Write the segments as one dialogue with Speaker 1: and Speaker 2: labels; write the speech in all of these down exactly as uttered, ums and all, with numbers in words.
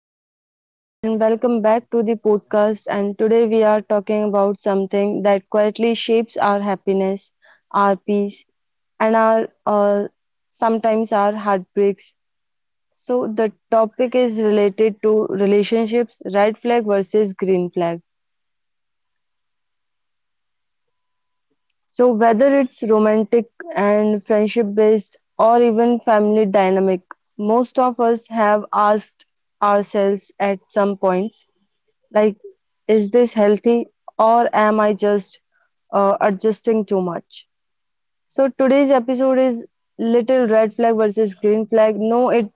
Speaker 1: hello everyone, and welcome back to the podcast. And today we are talking about something that quietly shapes our happiness, our peace, and our uh, sometimes our heartbreaks. So, the topic is related to relationships, red flag versus green flag. So, whether it's romantic and friendship based or even family dynamic, most of us have asked ourselves at some points like is this healthy or am I just uh, adjusting too much? So today's episode is little red flag versus green flag. No, it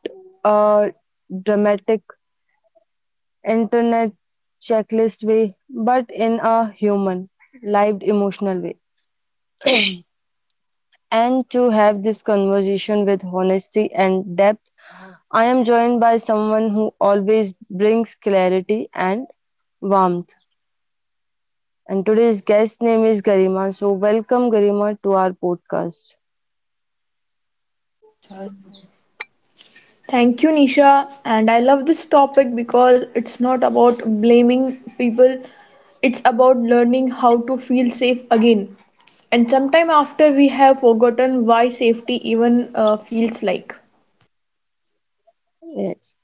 Speaker 1: uh, dramatic internet checklist way, but in a human, lived emotional way. And to have this conversation with honesty and depth, I am joined by someone who always brings clarity and warmth. And today's guest name is Garima. So welcome Garima to our podcast.
Speaker 2: Thank you, Nisha. And I love this topic because it's not about blaming people, it's about learning how to feel safe again. And sometime after we have forgotten why safety even uh, feels like.
Speaker 1: Yes.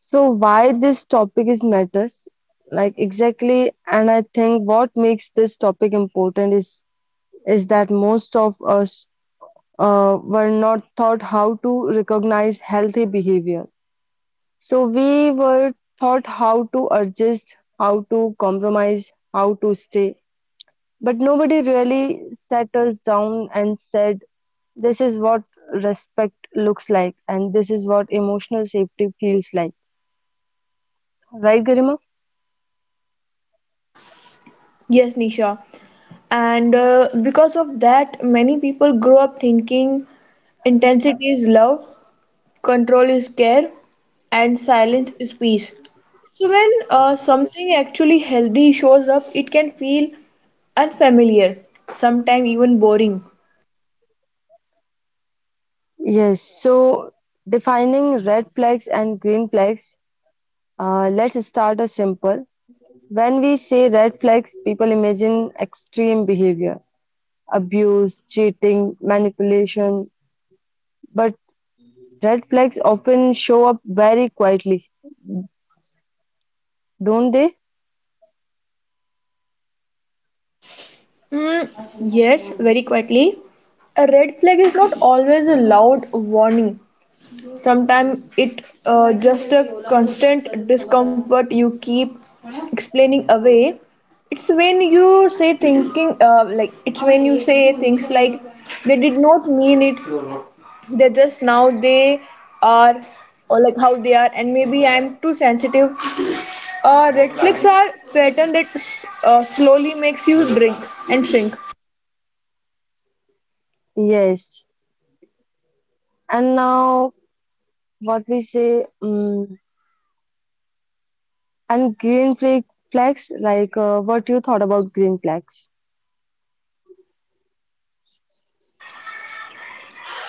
Speaker 1: So why this topic is matters, like exactly, and I think what makes this topic important is is that most of us uh, were not taught how to recognize healthy behavior. So we were taught how to adjust, how to compromise, how to stay, but nobody really sat us down and said, "This is what respect looks like, and this is what emotional safety feels like." Right, Garima?
Speaker 2: Yes, Nisha. And uh, because of that, many people grow up thinking intensity is love, control is care, and silence is peace. So when uh, something actually healthy shows up, it can feel unfamiliar, sometimes even boring.
Speaker 1: Yes, so defining red flags and green flags, uh, let's start a simple. When we say red flags, people imagine extreme behavior, abuse, cheating, manipulation, but red flags often show up very quietly, don't they?
Speaker 2: Mm, yes, very quietly. A red flag is not always a loud warning. Sometimes it uh, just a constant discomfort you keep explaining away. It's when you say thinking uh, like it's when you say things like they did not mean it. They just now they are, or like how they are, and maybe I'm too sensitive. Uh, red flags are pattern that s- uh, slowly makes you drink and shrink.
Speaker 1: Yes. And now, what we say, um, and green flag flags, like uh, what you thought about green flags.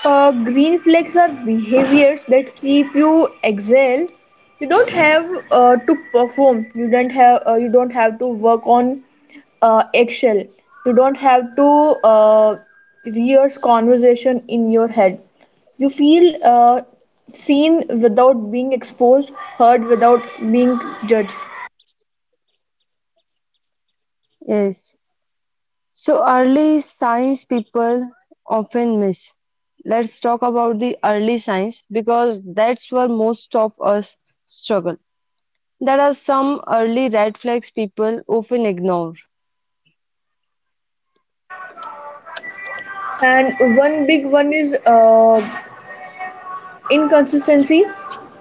Speaker 2: Uh, green flags are behaviors that keep you exhale. You don't have uh, to perform. You don't have. Uh, you don't have to work on uh, eggshell. You don't have to uh, rehearse conversation in your head. You feel uh, seen without being exposed, heard without being judged.
Speaker 1: Yes. So, early signs people often miss. Let's talk about the early signs because that's where most of us struggle. There are some early red flags people often ignore.
Speaker 2: And one big one is uh, inconsistency: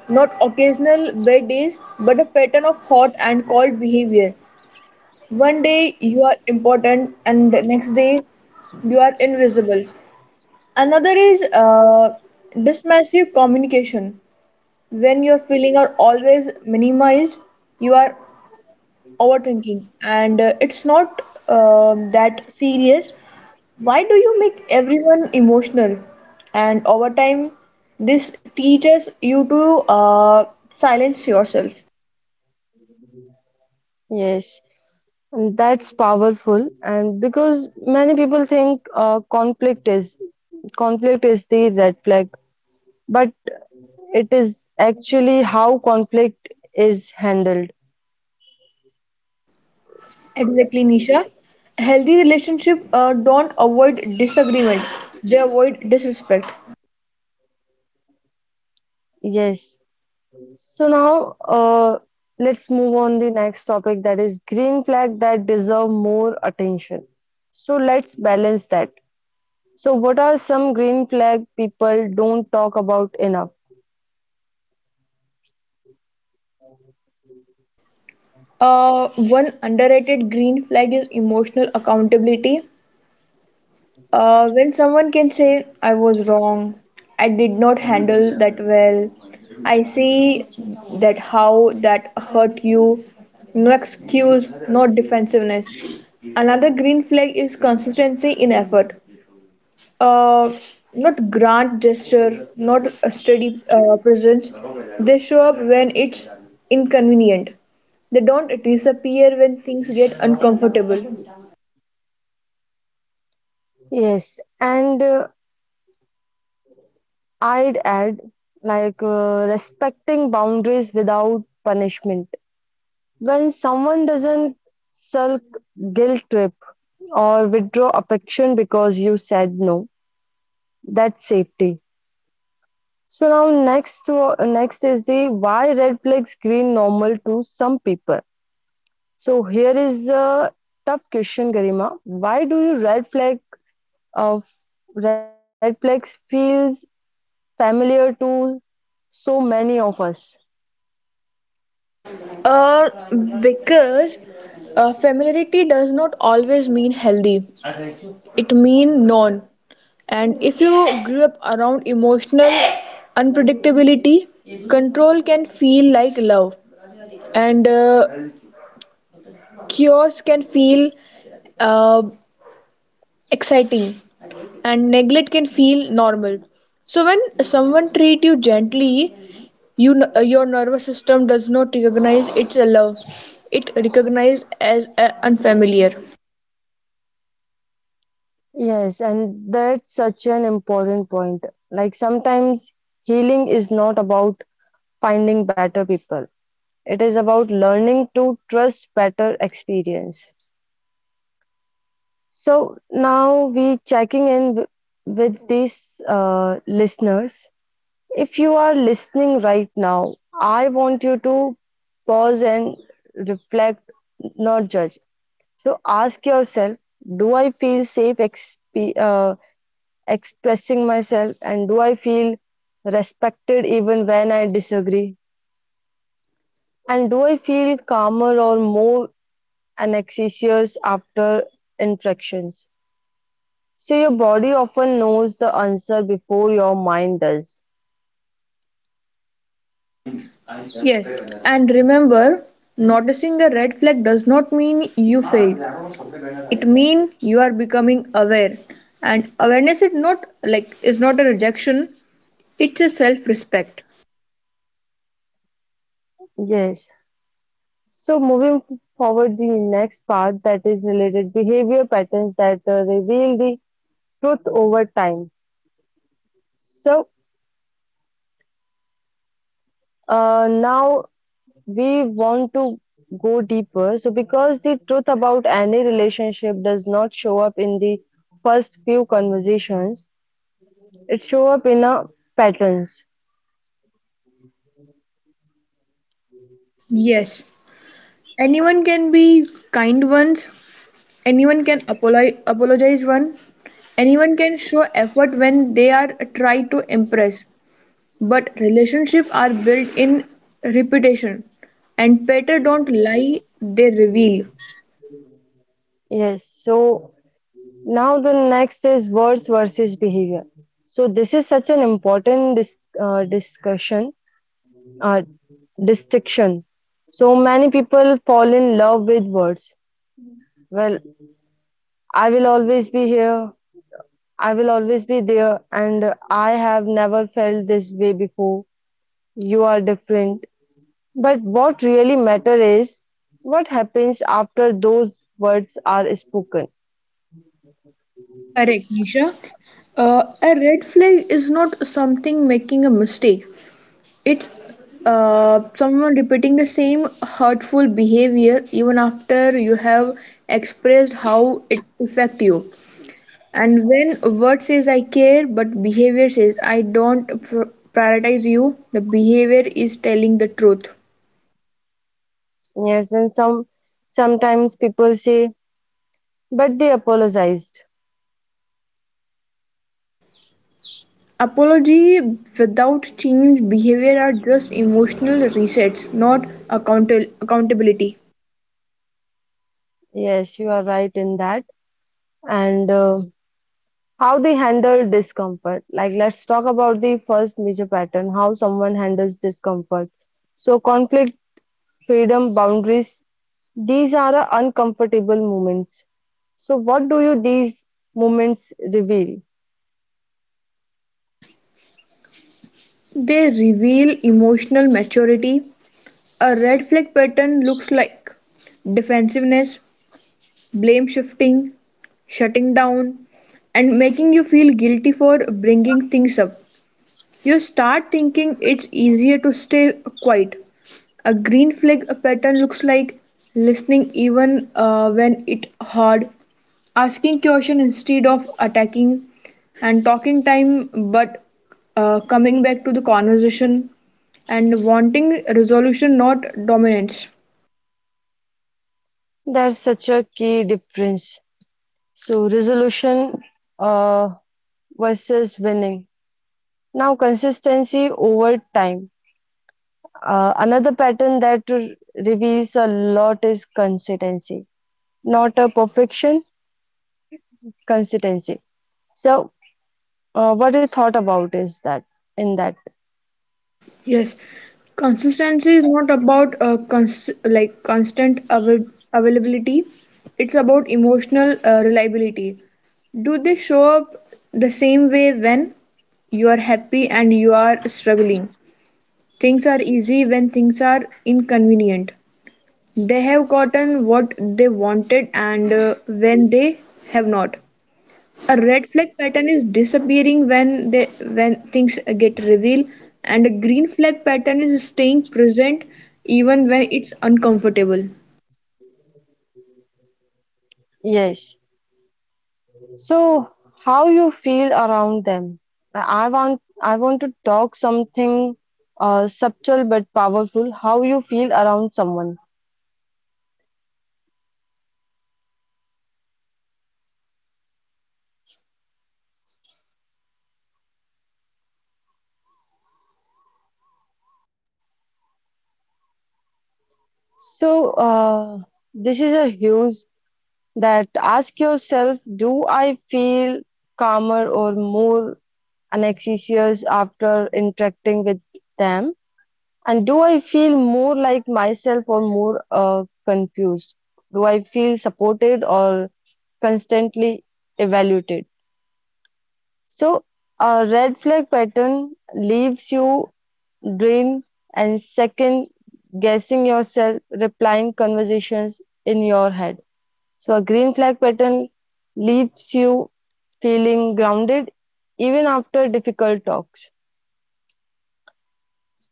Speaker 2: not occasional bad days, but a pattern of hot and cold behavior. One day you are important, and the next day you are invisible. Another is uh, dismissive communication. When your feelings are always minimized, you are overthinking, and uh, it's not um that serious, why do you make everyone emotional. And over time this teaches you to uh, silence yourself.
Speaker 1: Yes, and that's powerful. And because many people think uh, conflict is conflict is the red flag, but it is actually how conflict is handled.
Speaker 2: Exactly, Nisha. Healthy relationship uh, don't avoid disagreement, they avoid disrespect.
Speaker 1: Yes. So now, uh, let's move on the next topic that is green flag that deserve more attention. So let's balance that. So what are some green flag people don't talk about enough?
Speaker 2: uh, One underrated green flag is emotional accountability. Uh, when someone can say, I was wrong, I did not handle that well, I see that how that hurt you, no excuse, no defensiveness. Another green flag is consistency in effort. Uh, Not grand gesture, not a steady uh, presence. They show up when it's inconvenient. They don't disappear when things get uncomfortable.
Speaker 1: Yes, and uh, I'd add like uh, respecting boundaries without punishment. When someone doesn't sulk, guilt trip, or withdraw affection because you said no, that's safety. So now next wa- next is the why red flags green normal to some people. So here is a tough question, Garima. Why do you red flag of red flags feels familiar to so many of us?
Speaker 2: Uh, because uh, familiarity does not always mean healthy. It means known. And if you grew up around emotional unpredictability, control can feel like love, and uh, chaos can feel uh, exciting, and neglect can feel normal. So when someone treat you gently, you n- uh, your nervous system does not recognize it's a love. It recognizes as uh, unfamiliar.
Speaker 1: Yes, and that's such an important point. Like sometimes healing is not about finding better people. It is about learning to trust better experience. So now we checking in w- with these uh, listeners. If you are listening right now, I want you to pause and reflect, not judge. So ask yourself, do I feel safe exp- uh, expressing myself and do I feel respected even when I disagree? And do I feel calmer or more anxious after interactions? So your body often knows the answer before your mind does.
Speaker 2: Yes, and remember, noticing a red flag does not mean you failed. It means you are becoming aware. And awareness is not like is not a rejection, it's a self-respect.
Speaker 1: Yes. So moving f- forward, the next part that is related behavior patterns that uh, reveal the truth over time. So uh, now we want to go deeper. So because the truth about any relationship does not show up in the first few conversations, it show up in a patterns.
Speaker 2: Yes, anyone can be kind once, anyone can apolo- apologize one, anyone can show effort when they are trying to impress. But relationships are built in repetition, and better don't lie, they reveal.
Speaker 1: Yes. So now the next is words versus behavior. So this is such an important dis- uh, discussion, uh, distinction. So many people fall in love with words. Well, I will always be here. I will always be there, and I have never felt this way before. You are different. But what really matters is what happens after those words are spoken.
Speaker 2: Correct, Nisha. Uh, a red flag is not something making a mistake. It's uh, someone repeating the same hurtful behavior even after you have expressed how it affect you. And when a word says I care, but behavior says I don't pr- prioritize you, the behavior is telling the truth.
Speaker 1: Yes, and some sometimes people say, but they apologized.
Speaker 2: Apology without change behavior are just emotional resets, not account- accountability.
Speaker 1: Yes, you are right in that. And uh, how they handle discomfort. Like, let's talk about the first major pattern, how someone handles discomfort. So, conflict, freedom, boundaries, these are uh, uncomfortable moments. So, what do you these moments reveal?
Speaker 2: They reveal emotional maturity. A red flag pattern looks like defensiveness, blame shifting, shutting down, and making you feel guilty for bringing things up. You start thinking it's easier to stay quiet. A green flag pattern looks like listening even uh, when it's hard, asking question instead of attacking, and talking time but uh, coming back to the conversation and wanting resolution, not dominance.
Speaker 1: That's such a key difference. So, resolution uh, versus winning. Now, consistency over time. Uh, another pattern that reveals a lot is consistency, not a perfection, consistency. So, uh, what you thought about is that in that,
Speaker 2: Yes, consistency is not about uh, cons- like constant avail- availability, it's about emotional uh, reliability. Do they show up the same way when you are happy and you are struggling, things are easy when things are inconvenient. They have gotten what they wanted, and uh, when they have not. A red flag pattern is disappearing when they when things get revealed, and a green flag pattern is staying present even when it's uncomfortable.
Speaker 1: yes. So, how you feel around them? I I want I want to talk something uh, subtle but powerful. How you feel around someone? So, uh, this is a huge that ask yourself: do I feel calmer or more Alexis after interacting with them? And do I feel more like myself or more uh, confused? Do I feel supported or constantly evaluated? So, a red flag pattern leaves you drained and second guessing yourself, replying conversations in your head. So, a green flag pattern leaves you feeling grounded even after difficult talks.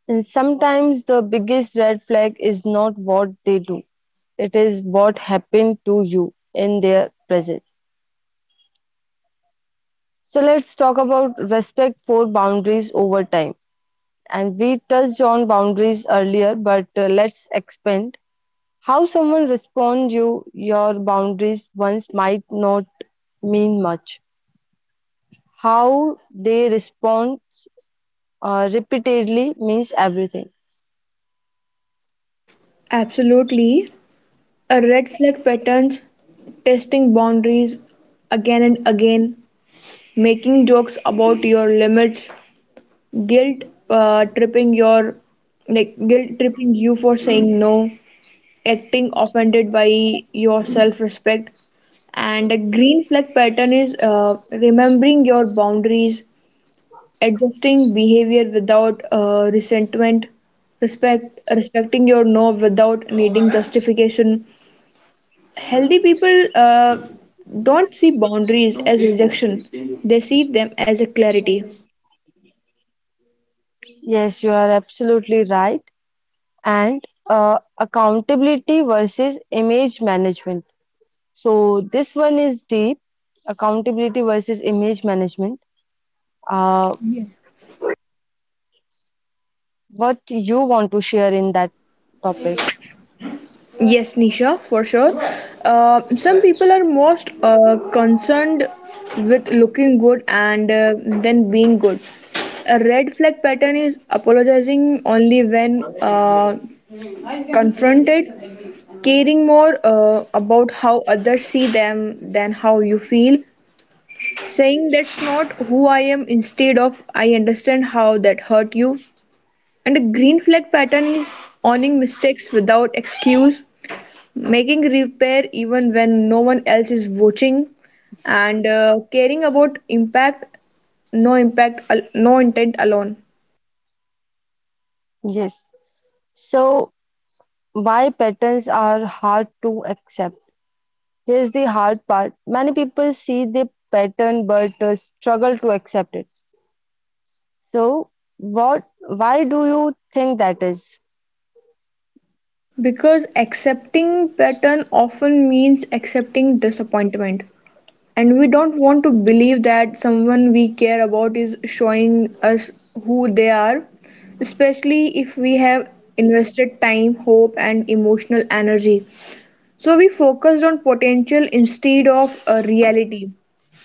Speaker 1: And sometimes the biggest red flag is not what they do, it is what happened to you in their presence. So let's talk about respect for boundaries over time. And we touched on boundaries earlier, but uh, let's expand. How someone responds you your boundaries once might not mean much. How they respond uh, repeatedly means everything.
Speaker 2: Absolutely. A red flag patterns testing boundaries again and again, making jokes about your limits, guilt uh, tripping your like guilt tripping you for saying no, acting offended by your self respect. And a green flag pattern is uh, remembering your boundaries, adjusting behavior without uh, resentment, respect, respecting your no without needing justification. Healthy people uh, don't see boundaries as rejection, they see them as a clarity.
Speaker 1: Yes, you are absolutely right. And uh, accountability versus image management. So this one is deep accountability versus image management. Uh, what you want to share in that topic?
Speaker 2: Yes, Nisha, for sure. Uh, some people are most uh, concerned with looking good and uh, then being good. A red flag pattern is apologizing only when uh, confronted, caring more uh, about how others see them than how you feel, saying that's not who I am instead of I understand how that hurt you. And a green flag pattern is owning mistakes without excuse, making repair even when no one else is watching, and uh, caring about impact, no impact al- no intent alone.
Speaker 1: Yes. So why patterns are hard to accept? Here's the hard part. Many people see the pattern but uh, struggle to accept it. So what? Why do you think that is?
Speaker 2: Because accepting pattern often means accepting disappointment, and we don't want to believe that someone we care about is showing us who they are, especially if we have invested time, hope, and emotional energy. So we focused on potential instead of a reality.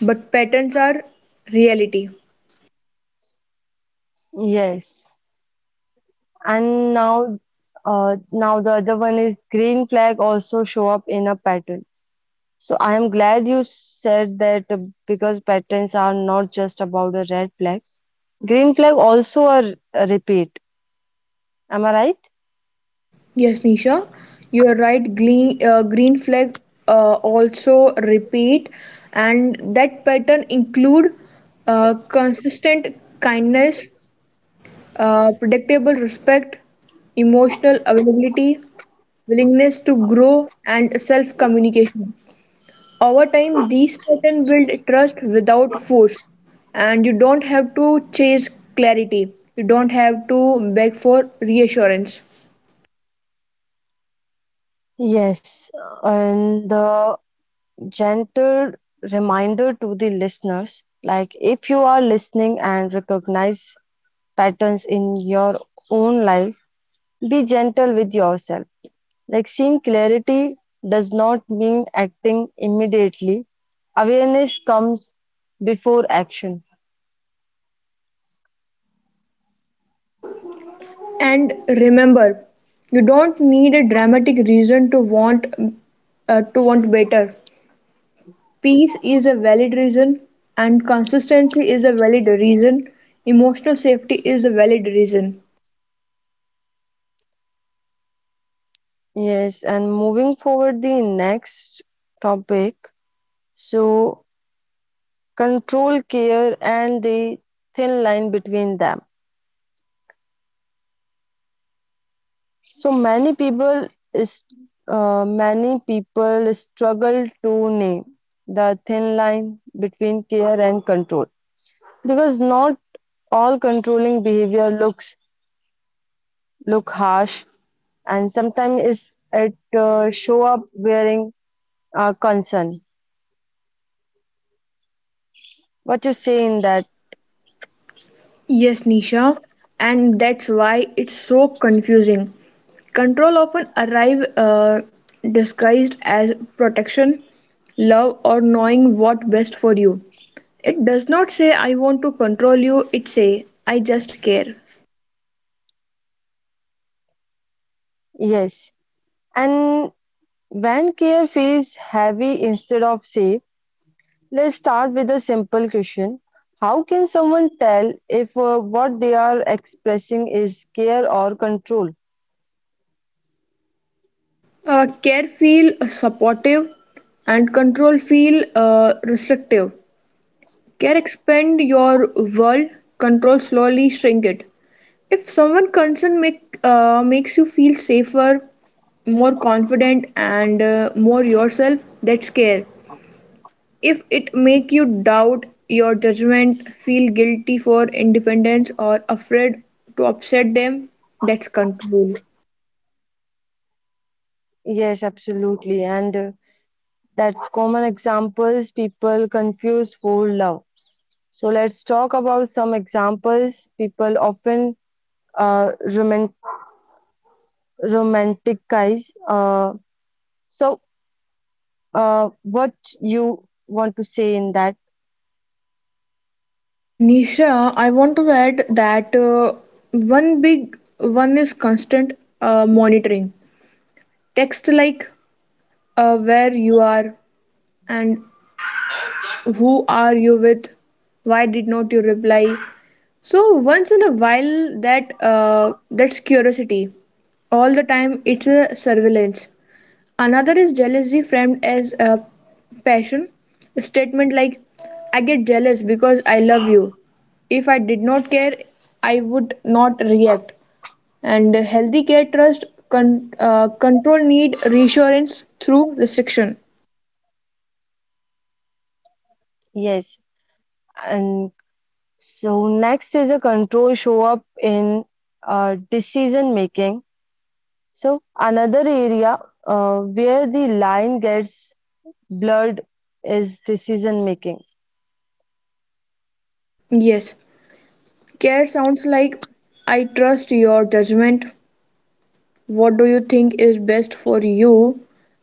Speaker 2: But patterns are reality.
Speaker 1: Yes. And now, uh, now the other one is green flag also show up in a pattern. So I am glad you said that uh, because patterns are not just about a red flag. Green flag also a, r- a repeat. Am I right?
Speaker 2: Yes, Nisha, you are right. Green, uh, green flag uh, also repeat, and that pattern include uh, consistent kindness, uh, predictable respect, emotional availability, willingness to grow, and self communication. Over time, these patterns build trust without force, and you don't have to chase clarity. You don't have to beg for reassurance.
Speaker 1: Yes, and the gentle reminder to the listeners, like if you are listening and recognize patterns in your own life, be gentle with yourself. Like seeing clarity does not mean acting immediately. Awareness comes before action.
Speaker 2: And remember, you don't need a dramatic reason to want uh, to want better. Peace is a valid reason, and consistency is a valid reason. Emotional safety is a valid reason.
Speaker 1: Yes, and moving forward, the next topic. So, control, care, and the thin line between them. So many people is uh, many people struggle to name the thin line between care and control because not all controlling behavior looks look harsh and sometimes is it uh, show up wearing uh, concern. What you say in that?
Speaker 2: Yes, Nisha, and that's why it's so confusing. Control often arrive uh, disguised as protection, love, or knowing what best for you. It does not say I want to control you. It say I just care.
Speaker 1: Yes, and when care feels heavy instead of safe, let's start with a simple question. How can someone tell if uh, what they are expressing is care or control?
Speaker 2: Uh, care feel supportive, and control feel uh, restrictive. Care expand your world, control slowly shrink it. If someone concerned make uh, makes you feel safer, more confident, and uh, more yourself, that's care. If it make you doubt your judgment, feel guilty for independence, or afraid to upset them, that's control.
Speaker 1: Yes, absolutely. And uh, that's common examples people confuse for love. So let's talk about some examples people often uh, romanticize. Uh, so, uh, what you want to say in that?
Speaker 2: Nisha, I want to add that uh, one big one is constant uh, monitoring. Text like uh, where you are and who are you with, why did not you reply. So once in a while, that uh, that's curiosity. All the time, it's a surveillance. Another is jealousy, framed as a passion. A statement like, "I get jealous because I love you. If I did not care, I would not react." And healthy care, trust, con- uh, control, need reassurance through restriction.
Speaker 1: Yes. And so, next is a control show up in uh, decision making. So, another area uh, where the line gets blurred is decision making.
Speaker 2: Yes, care sounds like I trust your judgment, what do you think is best for you,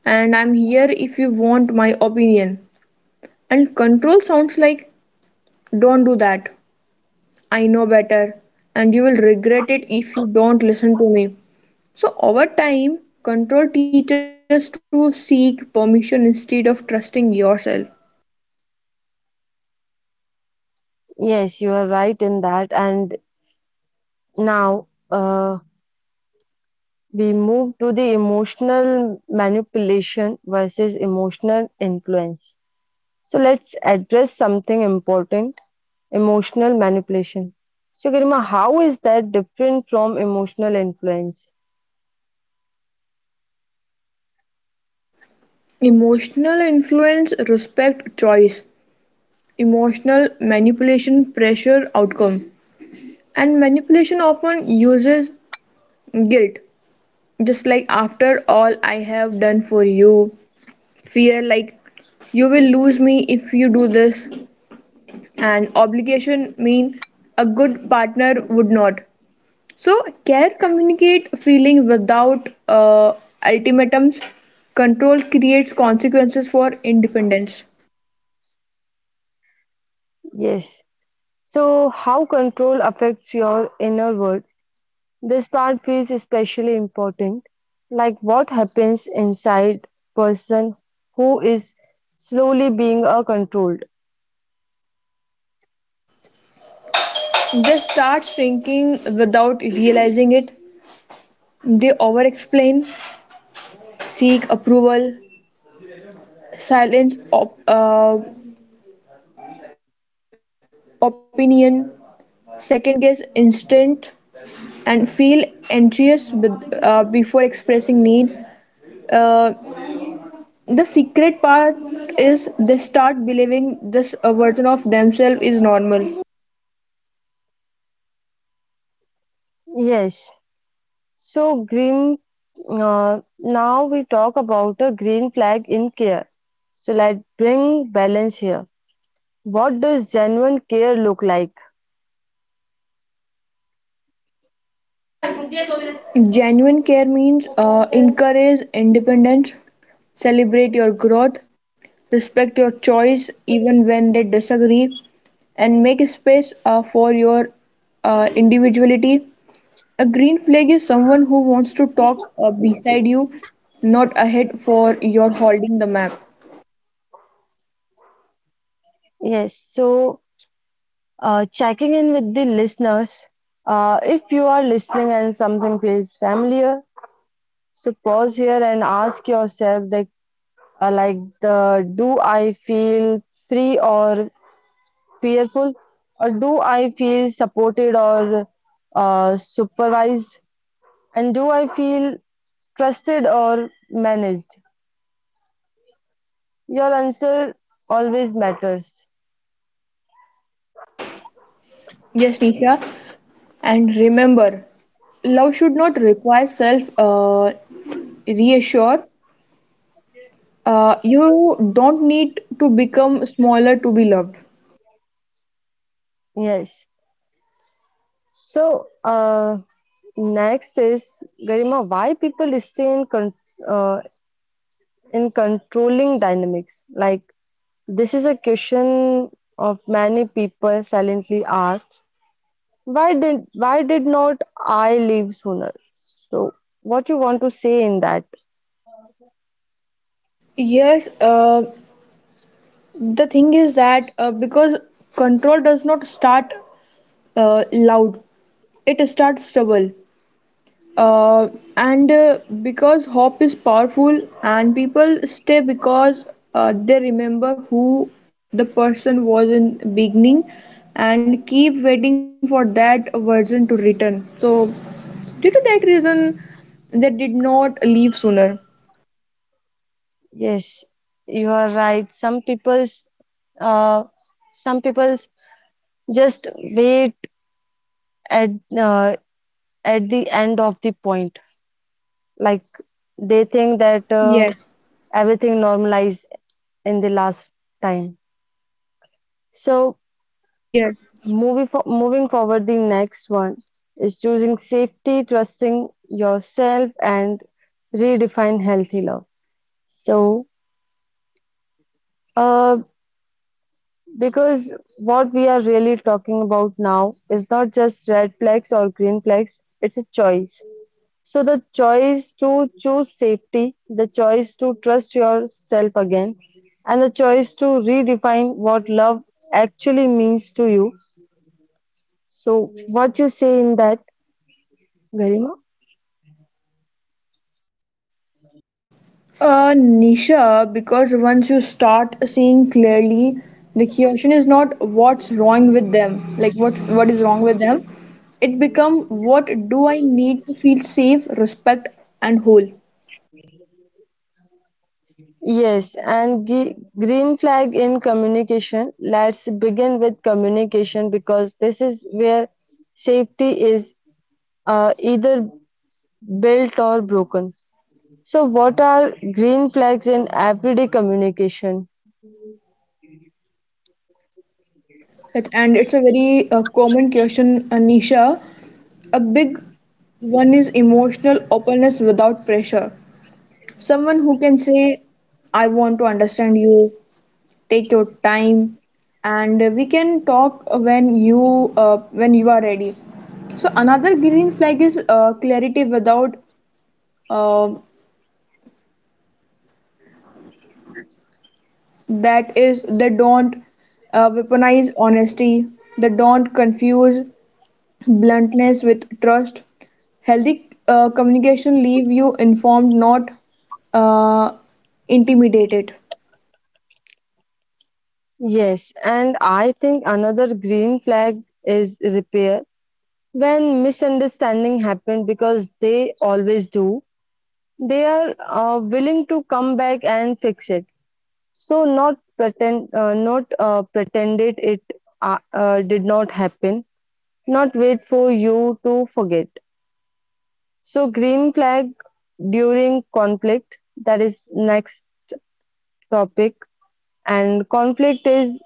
Speaker 2: and I'm here if you want my opinion. And control sounds like don't do that, I know better, and you will regret it if you don't listen to me. So over time control teaches to seek permission instead of trusting yourself.
Speaker 1: Yes, you are right in that. And now uh, we move to the emotional manipulation versus emotional influence. So let's address something important emotional manipulation. So, Garima, how is that different from emotional influence?
Speaker 2: Emotional influence respect choice, emotional manipulation pressure outcome. And manipulation often uses guilt, just like after all I have done for you, fear like you will lose me if you do this, and obligation mean a good partner would not. So care communicate feeling without uh, ultimatums. Control creates consequences for independence.
Speaker 1: Yes. So, how control affects your inner world? This part feels especially important. Like what happens inside person who is slowly being uh, controlled.
Speaker 2: They start shrinking without realizing it. They over explain, seek approval, silence op- uh, opinion, second-guess instant, and feel anxious with, uh, before expressing need. Uh, the secret part is they start believing this uh, version of themselves is normal.
Speaker 1: Yes. So, green. Uh, now we talk about a green flag in care. So, let's bring balance here. What does genuine care look like?
Speaker 2: Genuine care means uh, encourage independence, celebrate your growth, respect your choice even when they disagree, and make space uh, for your uh, individuality. A green flag is someone who wants to talk uh, beside you, not ahead for your holding the map.
Speaker 1: Yes, so uh, checking in with the listeners. Uh, if you are listening and something feels familiar, so pause here and ask yourself that, uh, like the do I feel free or fearful, or do I feel supported or uh, supervised, and do I feel trusted or managed? Your answer always matters.
Speaker 2: Yes, Nisha. And remember, love should not require self uh, reassure. Uh, you don't need to become smaller to be loved.
Speaker 1: Yes. So, uh, Next is Garima, why people stay in con- uh, in controlling dynamics? Like this is a question of many people silently asks. Why did why did not I leave sooner? So what you want to say in that?
Speaker 2: Yes, uh, the thing is that uh, because control does not start uh, loud, it starts stubble. Uh, and uh, Because hope is powerful, and people stay because uh, they remember who the person was in beginning, and keep waiting for that version to return. So due to that reason they did not leave sooner.
Speaker 1: Yes, you are right. Some people's uh, some people's just wait at uh, at the end of the point. Like they think that uh,
Speaker 2: Yes.
Speaker 1: everything normalized in the last time. So
Speaker 2: Yes.
Speaker 1: moving for, moving forward, the next one is choosing safety, trusting yourself, and redefine healthy love. So uh, because what we are really talking about now is not just red flags or green flags, it's a choice. So the choice to choose safety, the choice to trust yourself again, and the choice to redefine what love actually means to you. So what you say in that, Garima?
Speaker 2: Uh, Nisha, because once you start seeing clearly, the question is not what's wrong with them, like what what is wrong with them. It become what do I need to feel safe, respect, and whole.
Speaker 1: Yes, and ge- green flag in communication. Let's begin with communication because this is where safety is uh, either built or broken. So what are green flags in everyday communication?
Speaker 2: It, and it's a very uh, common question, uh, Nisha. A big one is emotional openness without pressure. Someone who can say, I want to understand you, take your time, and we can talk when you uh, when you are ready. So another green flag is uh, clarity without uh, that is they don't uh, weaponize honesty, they don't confuse bluntness with trust. Healthy uh, communication leave you informed, not uh, intimidated.
Speaker 1: Yes, and I think another green flag is repair. When misunderstanding happen because they always do, they are uh, willing to come back and fix it. So not pretend, uh, not uh, pretended it it uh, uh, did not happen. Not wait for you to forget. So green flag during conflict. That is next topic. And conflict is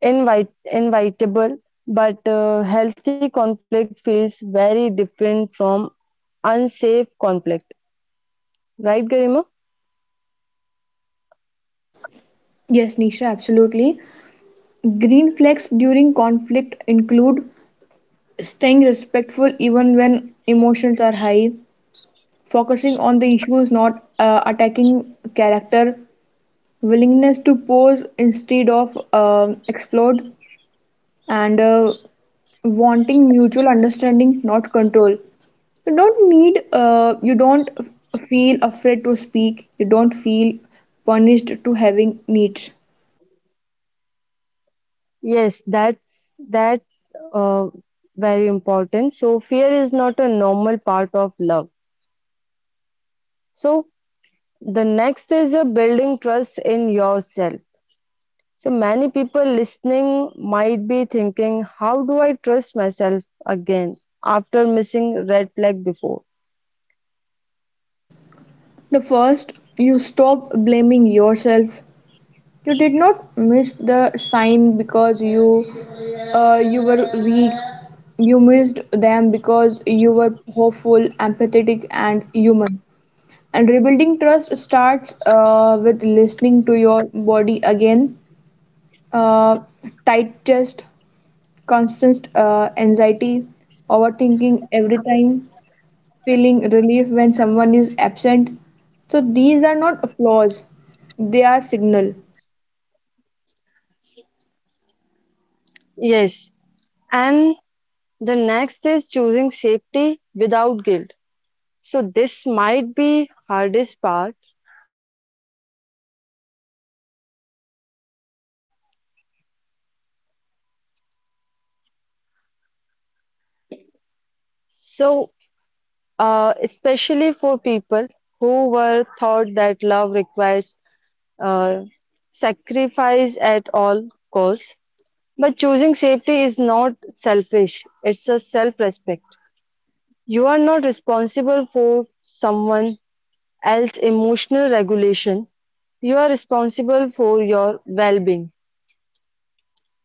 Speaker 1: invite invitable, but uh, healthy conflict feels very different from unsafe conflict. Right, Garima?
Speaker 2: Yes, Nisha, absolutely. Green flags during conflict include staying respectful even when emotions are high, focusing on the issues, not uh, attacking character, willingness to pose instead of uh, explode, and uh, wanting mutual understanding, not control. You don't need, uh, you don't f- feel afraid to speak, you don't feel punished to having needs.
Speaker 1: Yes, that's that's uh, very important. So fear is not a normal part of love. So the next is a building trust in yourself. So many people listening might be thinking, how do I trust myself again after missing red flag before?
Speaker 2: The first, you stop blaming yourself. You did not miss the sign because you uh, you were weak. You missed them because you were hopeful, empathetic, and human. And rebuilding trust starts uh, with listening to your body again. Uh, Tight chest, constant uh, anxiety, overthinking every time, feeling relief when someone is absent. So these are not flaws, they are signal.
Speaker 1: Yes. And the next is choosing safety without guilt. So this might be hardest part, choosing safety without feeling guilt. So uh, especially for people who were taught that love requires uh, sacrifice at all costs. But choosing safety is not selfish, it's a self respect. You are not responsible for someone else's emotional regulation, you are responsible for your well being.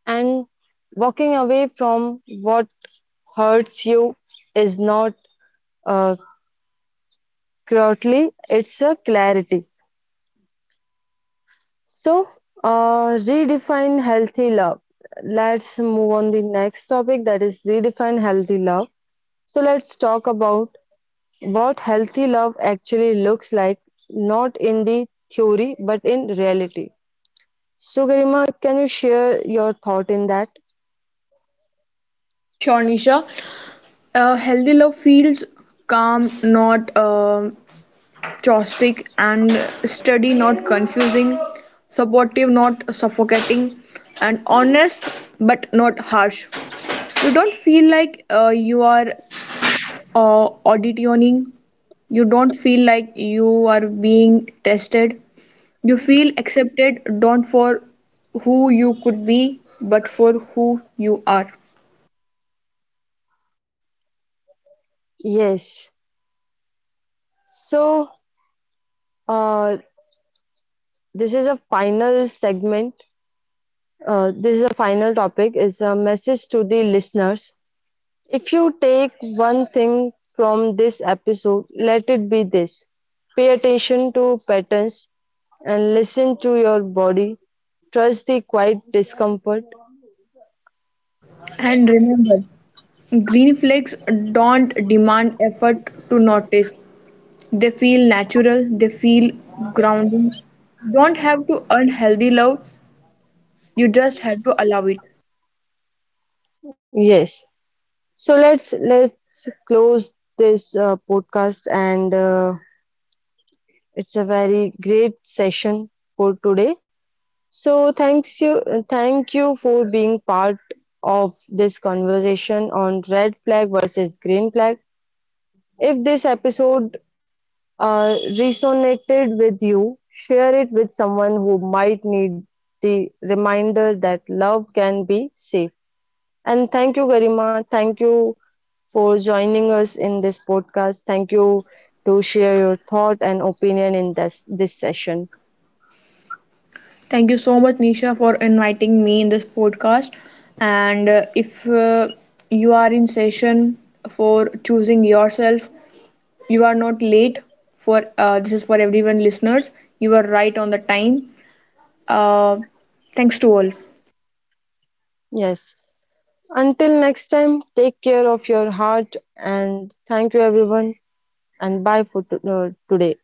Speaker 1: And walking away from what hurts you is not uh, cruelty, it's a clarity. So, uh, redefine healthy love. Let's move on the next topic that is redefine healthy love. So let's talk about what healthy love actually looks like, not in the theory but in reality. So, Garima, can you share your thought in that?
Speaker 2: Sure, Nisha. A healthy love feels calm, not um caustic, and steady, not confusing, supportive, not suffocating, and honest, but not harsh. You don't feel like uh, you are uh, auditioning, you don't feel like you are being tested. You feel accepted, don't for who you could be, but for who you are.
Speaker 1: Yes. So, uh, this is a final segment. Uh, this is a final topic. It's a message to the listeners. If you take one thing from this episode, let it be this pay attention to patterns and listen to your body. Trust the quiet discomfort.
Speaker 2: And remember, green flags don't demand effort to notice. They feel natural, they feel grounding. You don't have to earn healthy love, you just have to allow it.
Speaker 1: Yes. So let's let's close this uh, podcast and uh, it's a very great session for today. So thanks you thank you for being part of this conversation on red flag versus green flag. If this episode uh, resonated with you, share it with someone who might need the reminder that love can be safe. And thank you, Garima. Thank you for joining us in this podcast. Thank you to share your thought and opinion in this, this session.
Speaker 2: Thank you so much, Nisha, for inviting me in this podcast. And uh, if uh, you are in session for choosing yourself, you are not late. For uh, this is for everyone, listeners. You are right on the time. Uh, Thanks to all.
Speaker 1: Yes. Until next time, take care of your heart and thank you, everyone. And bye for to- uh, today.